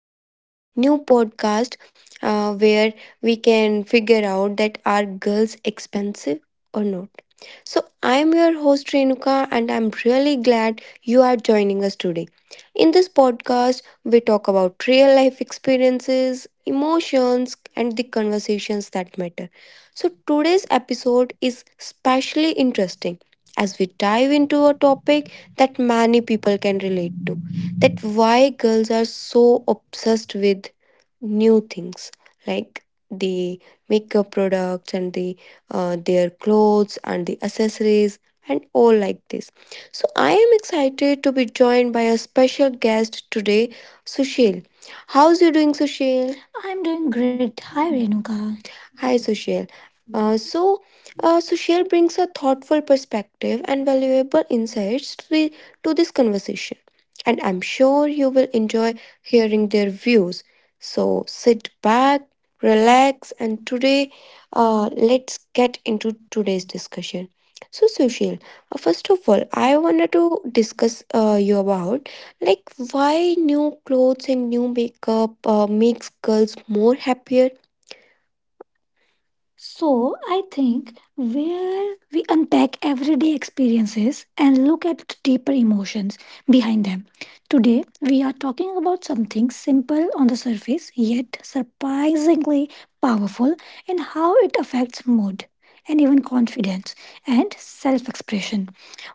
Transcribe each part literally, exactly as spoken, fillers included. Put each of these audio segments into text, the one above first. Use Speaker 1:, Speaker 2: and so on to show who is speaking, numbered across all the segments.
Speaker 1: to our new podcast uh, where we can figure out that are girls expensive or not. So, I'm your host Renuka, and I'm really glad you are joining us today. In this podcast, we talk about real life experiences, emotions, and the conversations that matter. So, today's episode is especially interesting as we dive into a topic that many people can relate that why girls are so obsessed with new things like the makeup products and the uh, their clothes and the accessories and all like this. So I am excited to be joined by a special guest today, Sushil. How's you doing, Sushil? I'm doing great. Hi, Renuka. Hi, Sushil. Uh, so, uh, Sushil brings a thoughtful perspective and valuable insights to, the, to this conversation. And
Speaker 2: Thank
Speaker 1: I'm sure you will enjoy hearing their views. So, sit back, relax, and today uh, let's get into today's discussion. So, Sushil, uh, first of all, I wanted to discuss uh, you about like why new clothes and new makeup uh, makes girls more happier? So, I think where we unpack everyday experiences and look at deeper emotions behind them time. Today, we are talking about something simple on the surface yet surprisingly powerful in how it affects mood and even confidence and self expression.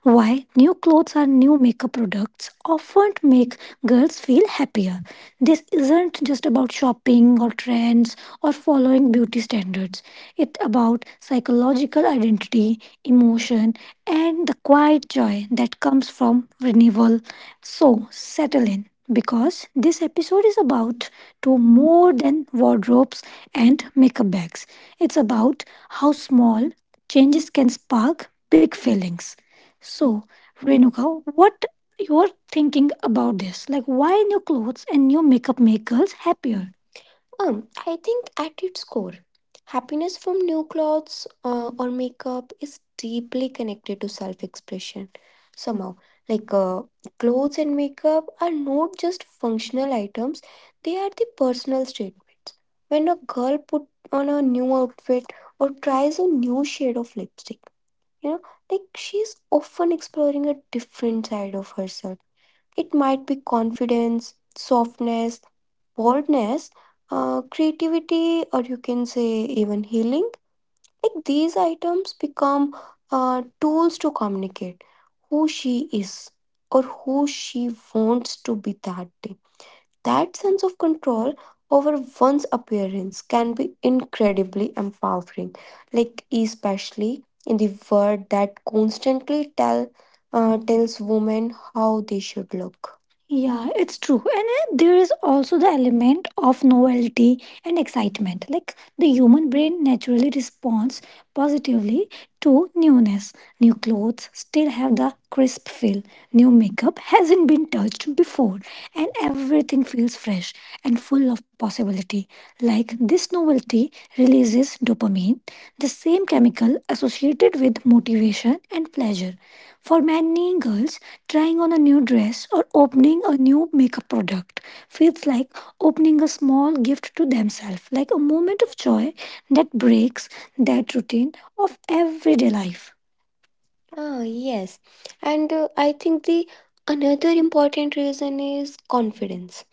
Speaker 1: Why new clothes or new makeup products often make girls feel happier. This isn't just about shopping or trends or following beauty standards. It's about psychological identity, emotion, and the quiet joy that comes from renewal. So settle in because this episode is about to more than wardrobes and makeup bags. It's about how small changes can spark big feelings. So Renuka, what you're thinking about this? Like why new clothes and new makeup make girls happy? Um, I think at its happiness from new clothes uh, or makeup is deeply connected to self expression. So, like, uh, clothes and makeup are not just functional items, they are the personal statements. When a girl put on a new outfit, tries a new shade of lipstick, you know, like she is often exploring a different side of herself. It might be confidence, softness, boldness, uh, creativity, or you can say even healing. Like these items become uh, tools to communicate who she is or who she wants to be that day. That sense of control over one's appearance can be incredibly empowering, especially in the world that constantly tell, tells women how they should look. Yeah, it's true. And uh, there is also the element of novelty and excitement. Like the human brain naturally responds positively to newness. Clothes still have crisp feel. New makeup hasn't been touched before, and everything feels fresh and full of possibility. Like this novelty releases dopamine, the same chemical associated with motivation and pleasure. For many girls, trying on a new dress or opening a new makeup product feels like opening a small gift to themselves, like a moment of joy that breaks that routine of everyday life. Ah, yes. And uh, I think the another important reason is confidence.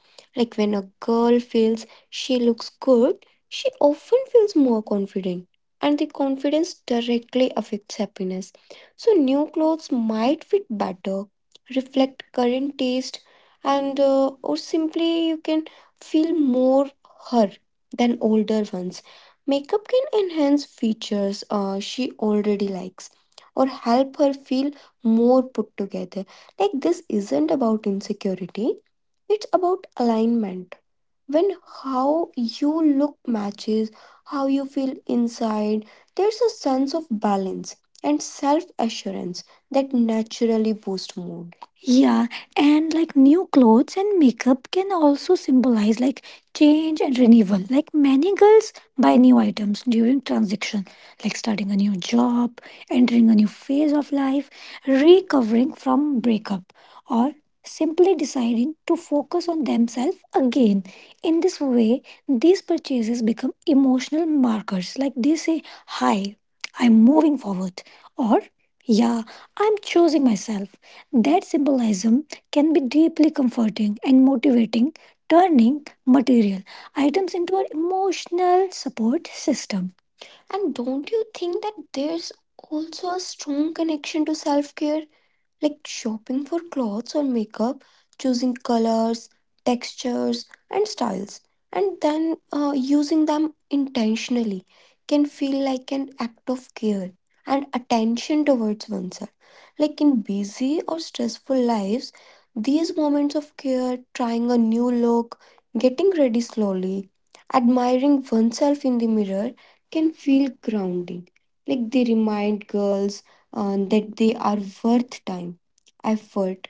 Speaker 1: A girl feels she looks good, she often feels more confident. And the confidence directly affects happiness. So, new clothes might fit better, reflect current taste, and uh, or simply you can feel more her than older ones. Makeup can enhance features uh, she already likes or help her feel more put together. Like, this isn't about insecurity, it's about alignment. When how you look matches how you feel inside, there's a sense of balance and self assurance that naturally boosts mood. Yeah, and like new clothes and makeup can also symbolize like change and renewal. Like many girls buy new items during transition, like starting a new job, entering a new phase of life, recovering from breakup, or s- deciding to focus on themselves again. In this way, these purchases become emotional markers. Like they say, "Hi, I'm moving forward," or "Yeah, I'm choosing myself." That symbolism can be deeply comforting and motivating, turning material items into an emotional support system. And don't you think that there's also a strong connection to self care? Like shopping for clothes or makeup, choosing colors, textures, and styles, and then uh, using them intentionally can feel like an act of care and attention towards oneself. Like in busy or stressful lives, these moments of care, trying a new look, getting ready slowly, admiring oneself in the mirror, can feel grounding. Like they remind girls uh, that they are worth time, effort,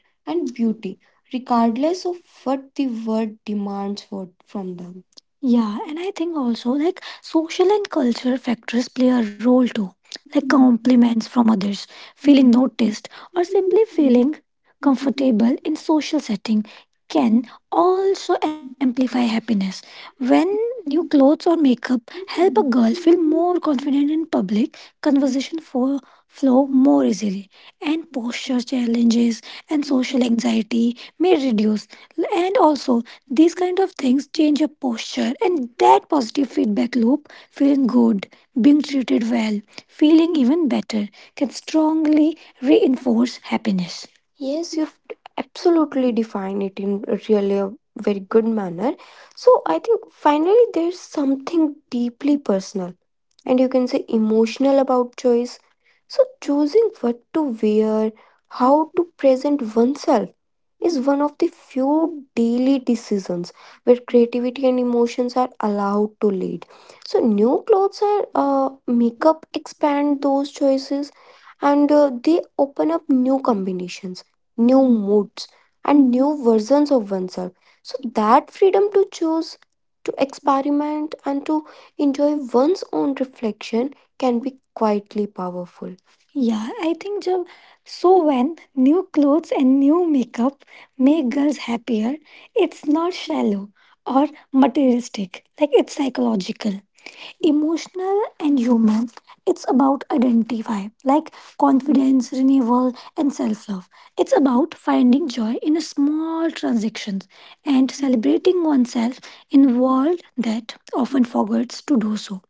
Speaker 1: regardless of what the world demands for, from them. Yeah, and I think also like social and cultural factors play a role too, like compliments from others, feeling noticed, or simply feeling comfortable in social setting can also amplify happiness. When new clothes or makeup help a girl feel more confident in public, conversation fo- flow more easily and posture challenges and social anxiety may reduce, and also these kind of things change your posture, and that positive feedback loop, feeling good, being treated well, feeling even better, can strongly reinforce happiness. Yes, you absolutely define it in really a very good manner. So I think finally there's deeply personal and you can say emotional about choice. So, choosing what to wear, how to present oneself, is one of the few daily decisions where creativity and emotions are allowed to lead. So, new clothes or uh, makeup expand those choices, and uh, they open up new combinations, new moods, and new versions of oneself. So, that freedom to choose, to experiment, and to enjoy one's own reflection can be quietly powerful. Yeah, I think Jab. So when new clothes and new makeup make girls happier, it's not shallow or materialistic. Like it's psychological, emotional, and human. It's about identify, like confidence, renewal, and self love. It's about finding joy in a small transactions and celebrating oneself in a world that often forgets to do so.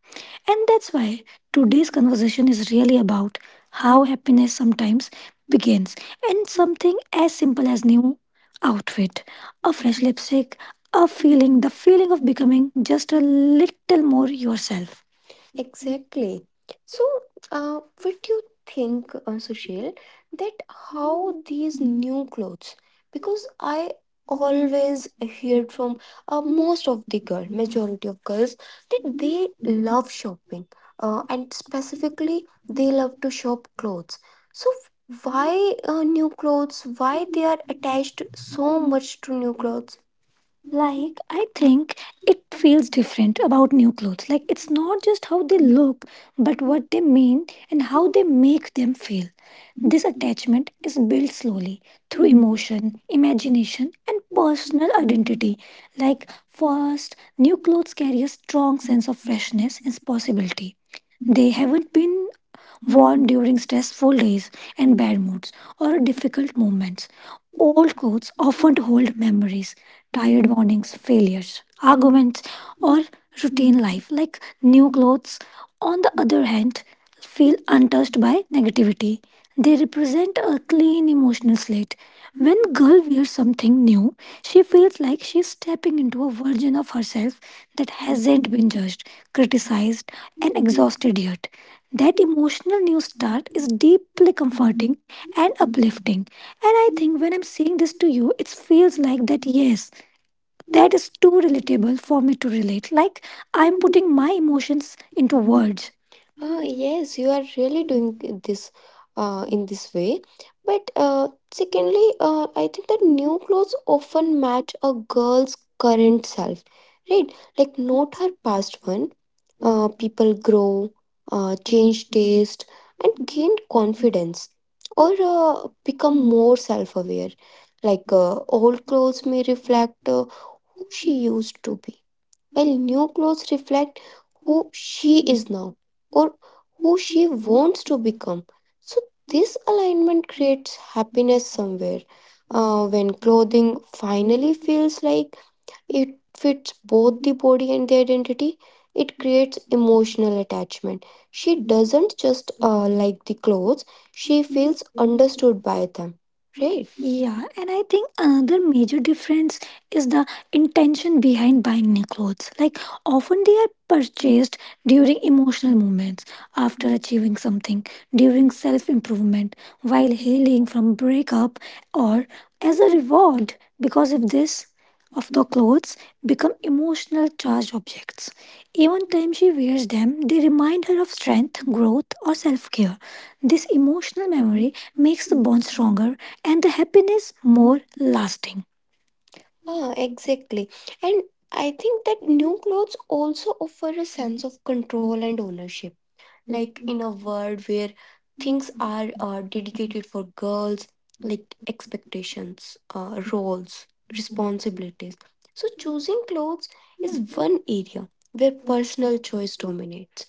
Speaker 1: And that's why today's conversation is really about how happiness sometimes begins and something as simple as new outfit, a fresh lipstick, a feeling, the feeling of becoming just a little more yourself. Exactly. So, uh, what do you think, uh, Sushil, that how these new clothes? Because I always heard from uh, most of the girl, majority of girls, that they love shopping, uh, and specifically they love to shop clothes. So, why uh, new clothes? Why they are attached so much to new clothes? Like, I think it feels different about new clothes. Like, it's not just how they look, but what they mean and how they make them feel. This attachment is built slowly through emotion, imagination, and personal identity. Like, first, new clothes carry a strong sense of freshness and possibility. They haven't been worn during stressful days and bad moods or difficult moments. Old clothes often hold memories, tired mornings, failures, arguments, or routine life, like new clothes, on the other hand, feel untouched by negativity. They represent a clean emotional slate. When girl wears something new, she feels like she's stepping into a version of herself that hasn't been judged, criticized, lost idiot. That emotional new start is deeply comforting and uplifting. And I think when I'm saying this to you, it feels like that, yes, that is too relatable for me to relate. Like I'm putting my emotions into words. Yes, you are really doing this uh, in this way. But uh, secondly, uh, I think that new clothes often match a girl's current self, right? Like, not her past one. Uh, people grow, uh, change taste, gain confidence, or uh, become more self aware. Like, uh, old clothes may reflect uh, who she used to be, while new clothes reflect she is now. Or she wants to become. So this alignment creates happiness somewhere. Uh, when clothes finally feels like fits both the body and the identity, it creates emotional attachment. She doesn't just uh, love the clothes; she feels stood by them. Right? Yeah, and I think another major difference is the intention behind buying new clothes. Like often they are during emotional moments, after achieving something, during self improvement, while healing from breakup, or as a reward. Because of this, of the clothes become emotional charged objects. Even time she wears them, they remind her of strength, growth, or self care. This emotional memory makes the bond stronger and the happiness more lasting. Ah, exactly. And I think that new clothes also offer a sense of control and ownership. Like in a world where things are uh, dedicated for girls, like expectations, uh, roles, responsibilities. So choosing clothes is an area where personal choice dominates.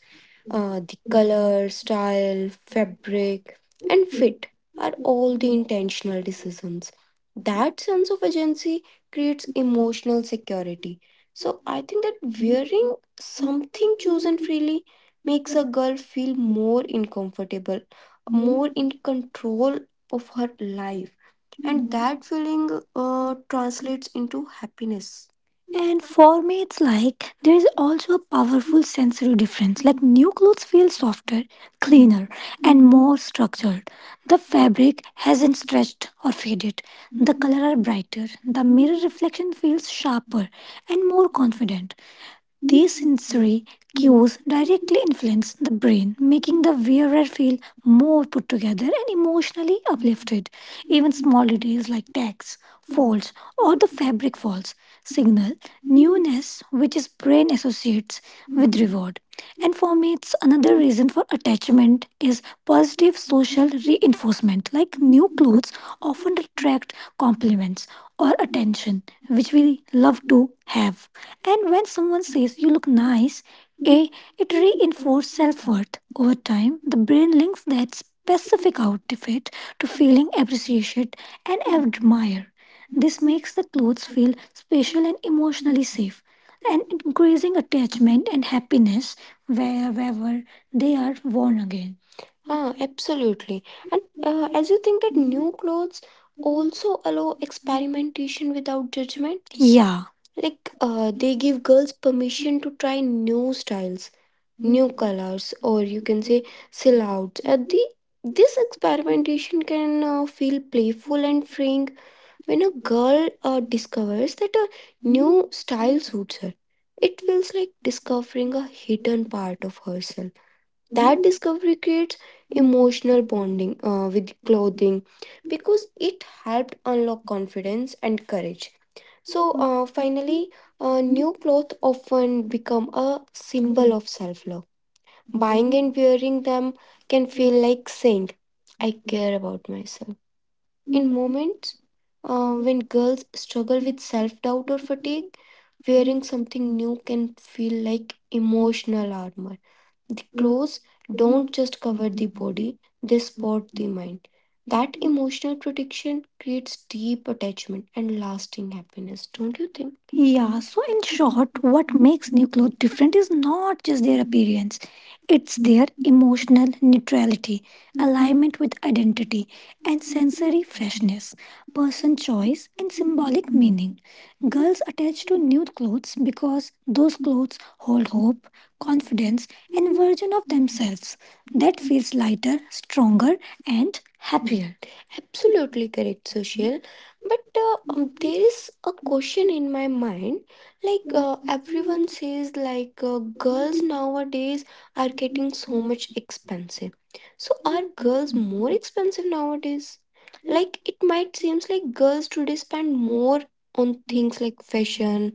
Speaker 1: Uh, the color, style, fabric are all the intentional decisions. That sense of agency creates emotional security. So I think that wearing something too freely makes a girl feel more uncomfortable, more in control of her life. That feeling uh, translates into happiness. And for me, it's like there is also a powerful sensory difference. Like new clothes feel softer, cleaner, and structured. The fabric hasn't stretched or faded. There are brighter. The mirror reflection feels sharper and more confident. Sensory directly influence the brain, making the wearer feel more put together and emotionally uplifted. Even small details like tags, folds, or the fabric falls signal newness, which is brain associates with reward. And for me, it's another reason for attachment is positive social reinforcement. Like new clothes often attract compliments or attention, which we love to have. And when someone says you look nice, A, it reinforces self worth. Over time, the brain links that specific outfit to feeling appreciated and admired. This makes the clothes feel special and emotionally safe and increasing attachment and happiness wherever they are worn again. Ah, absolutely. And uh, as you think that new clothes also allow experimentation without judgment? Yeah, like uh, they give girls permission to try new styles, new colors, or you can say silhouettes. Uh, the This experimentation can uh, feel playful and freeing when a girl uh, discovers that a new style suits her, it feels like discovering a hidden part of herself. That discovery creates emotional bonding uh, with clothing because it helped unlock confidence and courage. So, uh, finally, uh, new clothes often become a symbol of self love. Buying and wearing them can feel like saying, I care about myself. In moments uh, when girls struggle with self doubt or fatigue, wearing something new can feel like emotional armor. The clothes don't just cover the body, they support the mind. That emotional protection creates deep attachment and lasting happiness, don't you think? Yeah, so in short, what makes new clothes different is not just their appearance, it's their emotional neutrality alignment with identity. And person choice and sim- attached to new clothes because those clothes hold hope, confidence, and vision of themselves that feels lighter, stronger, and happier. Absolutely correct, social. But uh, it's a question in my mind, like says like uh, girls nowadays are getting expensive. So are girls more expensive nowadays? It might seems like girls today spend more on things like fashion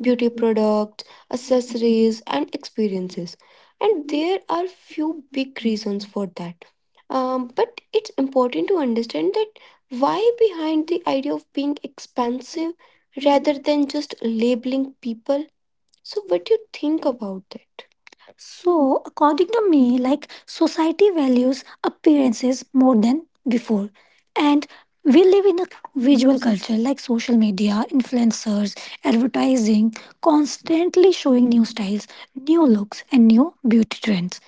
Speaker 1: beauty products, accessories, and experiences. And there are few big reasons for that. Um, but it's important to understand that why behind the idea of being expanded rather than just labeling people. So, what do you think about that? So, according to me, society values appearances more than before. And we live in a visual culture like social media, influencers, advertising, constantly showing new styles, new looks, and new beauty trends.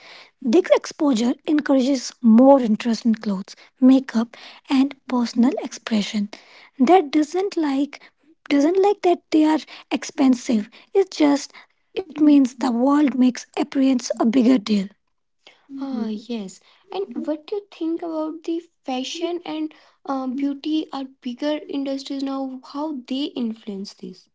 Speaker 1: This exposure encourages more interest in clothes, makeup, and personal expression. That doesn't like doesn't like that they are expensive. It's just it means the world makes appearance a bigger deal. Yes, and think about the fashion and uh, beauty are bigger industries now, how they influence this?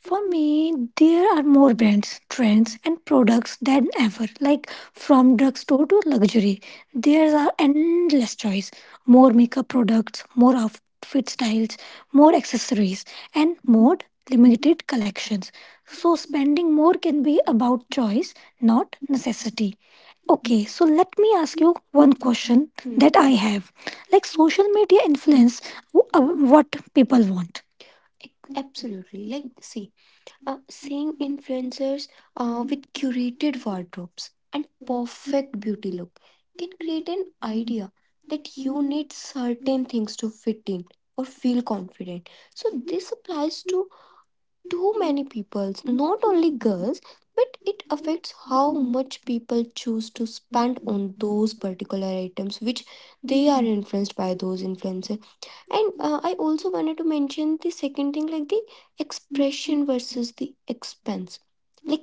Speaker 1: For me, there are more brands, trends, and products than ever. Like from drugstore to luxury, there are endless choice. More makeup products, more outfit styles, more accessories, and more limited collections. So spending more can be about choice, not necessity. Okay, so let me ask you. Question. Hmm. That I have. Like social media influence w- uh, what people want. Absolutely. Like, see, uh, seeing influencers uh, curated wardrobes and perfect beauty, they can certain things to fit in or feel confident. So this applies to too many people's girls, but it affects how much people choose to spend particular items, which they are influenced by those influencers. And uh, I also wanted to mention the second thing like the expense versus the expense.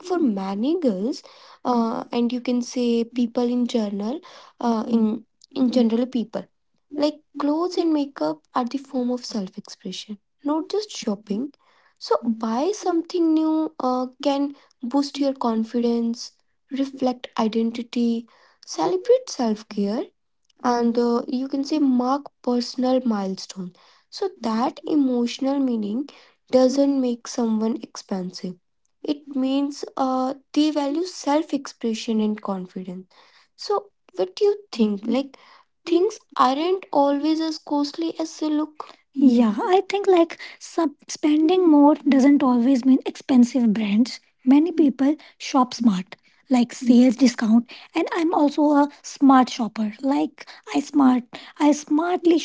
Speaker 1: Many girls, uh, and you can say people in general, uh, in general people, clothes and makeup are the form of self-expression, not just shopping. So buy something new uh, can boost your confidence, identity, self care, and uh, you can say mark personal milestone, so that emotional meaning doesn't make someone expensive, it means uh, they value self expression and confidence. So what do you think, aren't always as costly as they look? uh, I think like sub- spending more doesn't always mean expensive brands. Many people shop smart, like sales discount, and I'm also a smart shopper. Like I smart, I smartly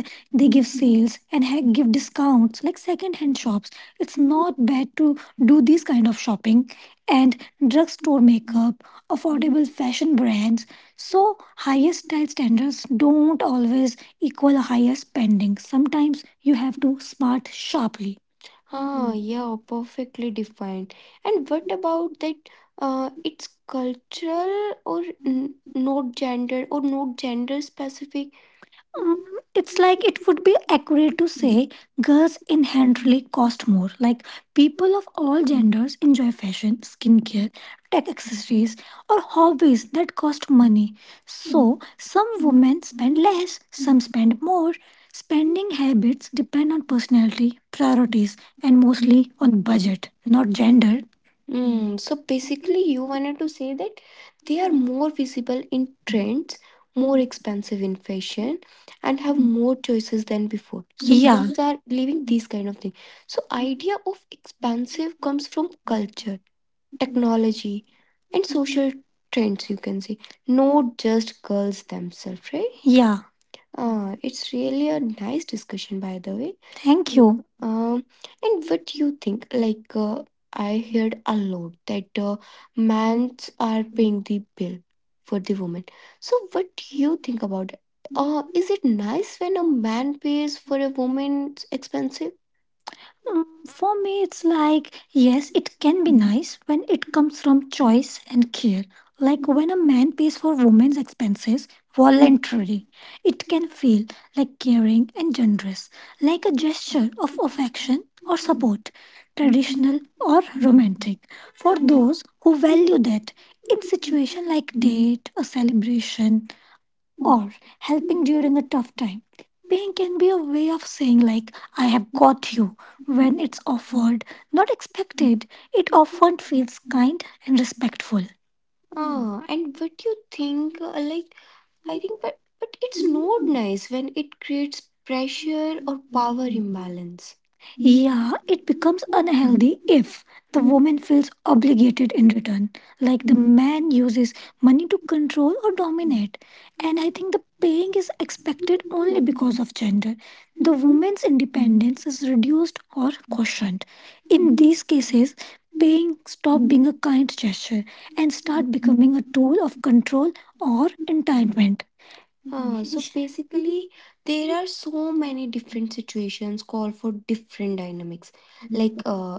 Speaker 1: when they give sales and heck give discounts, like second hand shop. It's not bad to do this kind of shopping and drugstore makeup, affordable fashion brands, so higher style standards don't always equal higher spending. Sometimes you have to smart sharply. Uh, Yeah, perfectly defined. And what about that? Uh, it's cultural or not gender, or not gender specific. It's like it would be accurate to girls inherently cost more. Like people of all genders enjoy fashion, skincare, tech accessories, or hobbies that cost money. Some women spend less, some spend more. Spending habits depend on personality, priorities, and mostly on budget, not gender. Mm. So basically, you wanted to say that they are more visible in trends, more expensive in fashion, and have more choices than before are living these kind of things. So idea of expansive comes from culture, technology, and so trends you can see, not just girls themselves, right? Yeah. Uh, it's really a nice discussion, by the way. Thank you. Um, and what do you think? Like, uh, I heard a lot that uh, men are paying the bill for the woman. So, what do you think about it? Uh, is it nice when a man pays for a woman's expensive? Mm, for me, it's like, yes, it can be nice when it comes from choice and care. Like when a man pays for women's expenses voluntarily, it can feel like caring and generous, like a gesture of affection or for those who value that. In situation like a celebration, helping during a tough time, paying can be a way of saying like, I have God's offer, not expecting. It often feels kind and respectful. Uh, and what you think uh, like, but but it's nice when it creates pressure or demands. It becomes unhealthy if the man feels obligated in return, like the man uses money to control or dominate. And I think the paying is expected of gender, hence independence is reduced or questioned. In these cases, paying stop being a kind gesture and start becoming a tool of control or entitlement. Basically, there are so many different situations call for different dynamics. Like, Uh,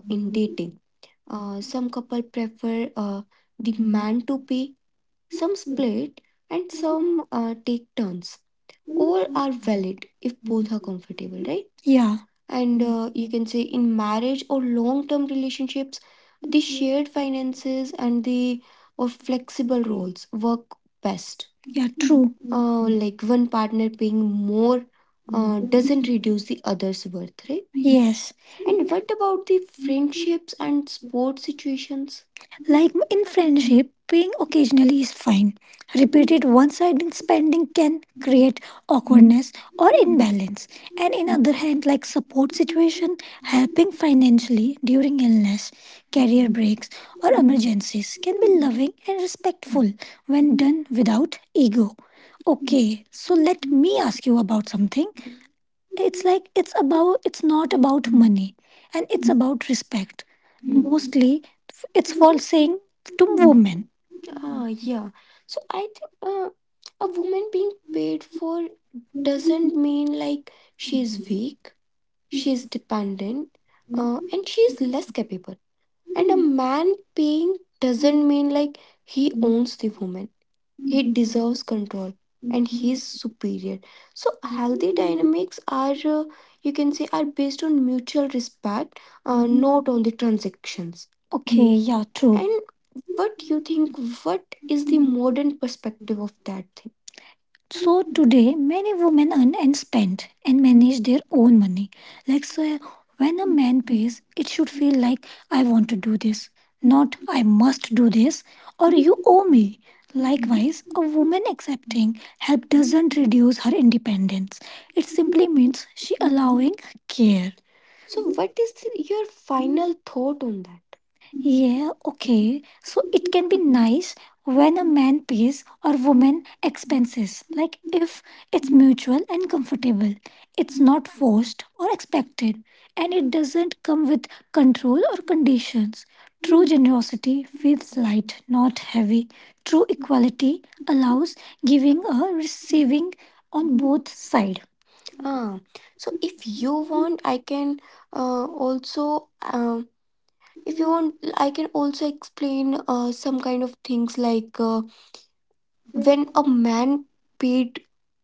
Speaker 1: in- uh, some couple prefer uh, the man to pay, some and some uh, take turns. Valid if both comfortable, right? Yeah. And uh, you can say in marriage or long-term relationships, the finances and the or flexible roles work best. Uh, like one partner paying more uh, reduce the other's worth, right? What about the friendships and sport situations? In friendship, paying occasionally is fine. Repeated one-sided spending can create awkwardness. Or in and in other hand, like support, sit- helping financially during illness, career break, or emergencies can be loving and respectful when done without ego. Okay. So let me ask you about something. It's like it's about it's not about and it's about respect. Mostly, it's for saying to wo- yeah. So I think uh, a woman being paid for mean like she's like, she's dependent and she's capable. A man paying doesn't mean like he only woman. He deserves control and he's superior. So healthy dynamics are, uh, you can say, are based on mutual respect, uh, not on the transactions. Okay, yeah, true. And what do you think? What is the modern perspective of that? So today, many women earn and spend and manage their own money. Like, so when a man pays, it should feel like I want to do this, not I must do this or you owe me. Likewise, a woman accepting help doesn't reduce her independence. It simply means she allowing care. So is your final thought on that? Yeah, okay. So it can be nice when a man pays or woman expenses, like if it's mutual and comfortable, it's not forced or expected, and it doesn't come with control or conditions. True generosity feels light, not heavy. True equality allows giving or receiving on both sides. Ah, so if you want, I can uh, also um, I can also explain uh, some kind of things like uh, when a man paid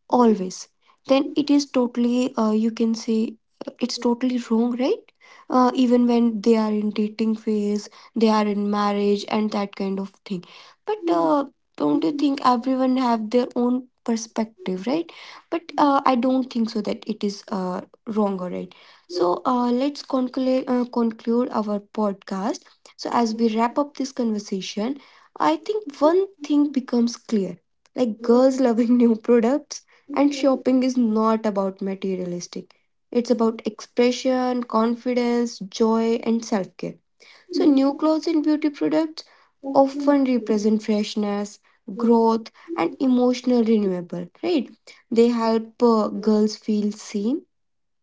Speaker 1: always, then it is totally uh, you can say uh, it's totally wrong, right? Uh, even when they are in dating phase, they are in marriage and that kind of thing. But uh, don't you think everyone have their own perspective, right? But uh, I don't think so that it is uh, wrong or right. So, uh, let's conclude, uh, conclude our podcast. So, as we wrap up this conversation, I think one thing becomes clear like, girls loving new products and shopping is not about materialistic, it's about expression, confidence, joy, and self care. So, clothes and beauty products can represent freshness, growth, emotional renewable, right? They help uh, girls feel seen,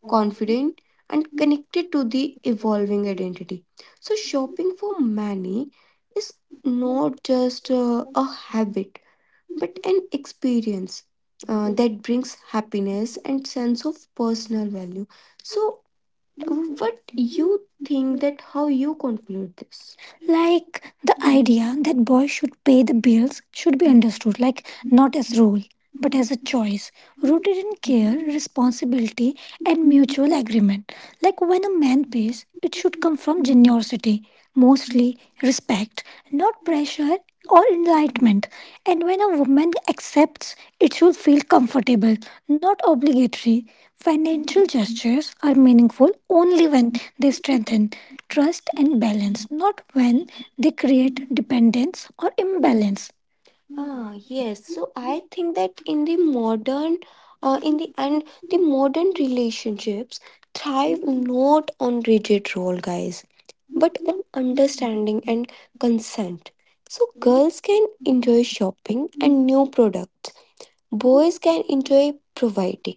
Speaker 1: confident, and connected to the evolving identity. So, shopping for many is not just uh, a habit but an experience uh, that brings happiness and sense of personal value. So, what you think that how you conclude this? Like the idea that boys should pay the bills should be understood, like not as rule, choice, rooted in care responsibility, and mutual agreement. Like when a man pays, it should come from generosity, mostly respect, not pressure or enlightenment. And when a woman accepts, it should feel comfortable, not obligatory. Financial gestures are meaningful only when they strengthen trust and balance, not when they create dependence or imbalance. Ah, yes. So I think that in the modern, uh, in the and the modern relationships thrive not on rigid role, guys, but understanding and consent. So girls can enjoy shopping and new products. Boys can enjoy providing.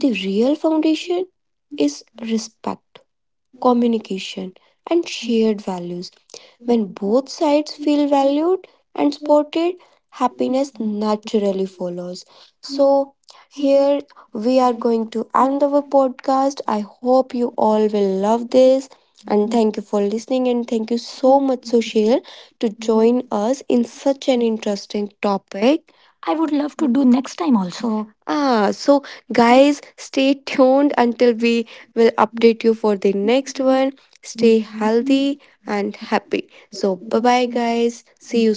Speaker 1: The real foundation is respect, communication, and shared values. When both sides feel valued and supported, happiness naturally follows. So, here we are going to end the podcast. I hope you all will love this. And thank you for listening. And thank you so much, Sushil, to join us in such an interesting topic. I would love to do next time also. Ah, so guys, stay tuned until we will update you for the next one.
Speaker 2: you.
Speaker 1: And happy. So, bye bye, guys. See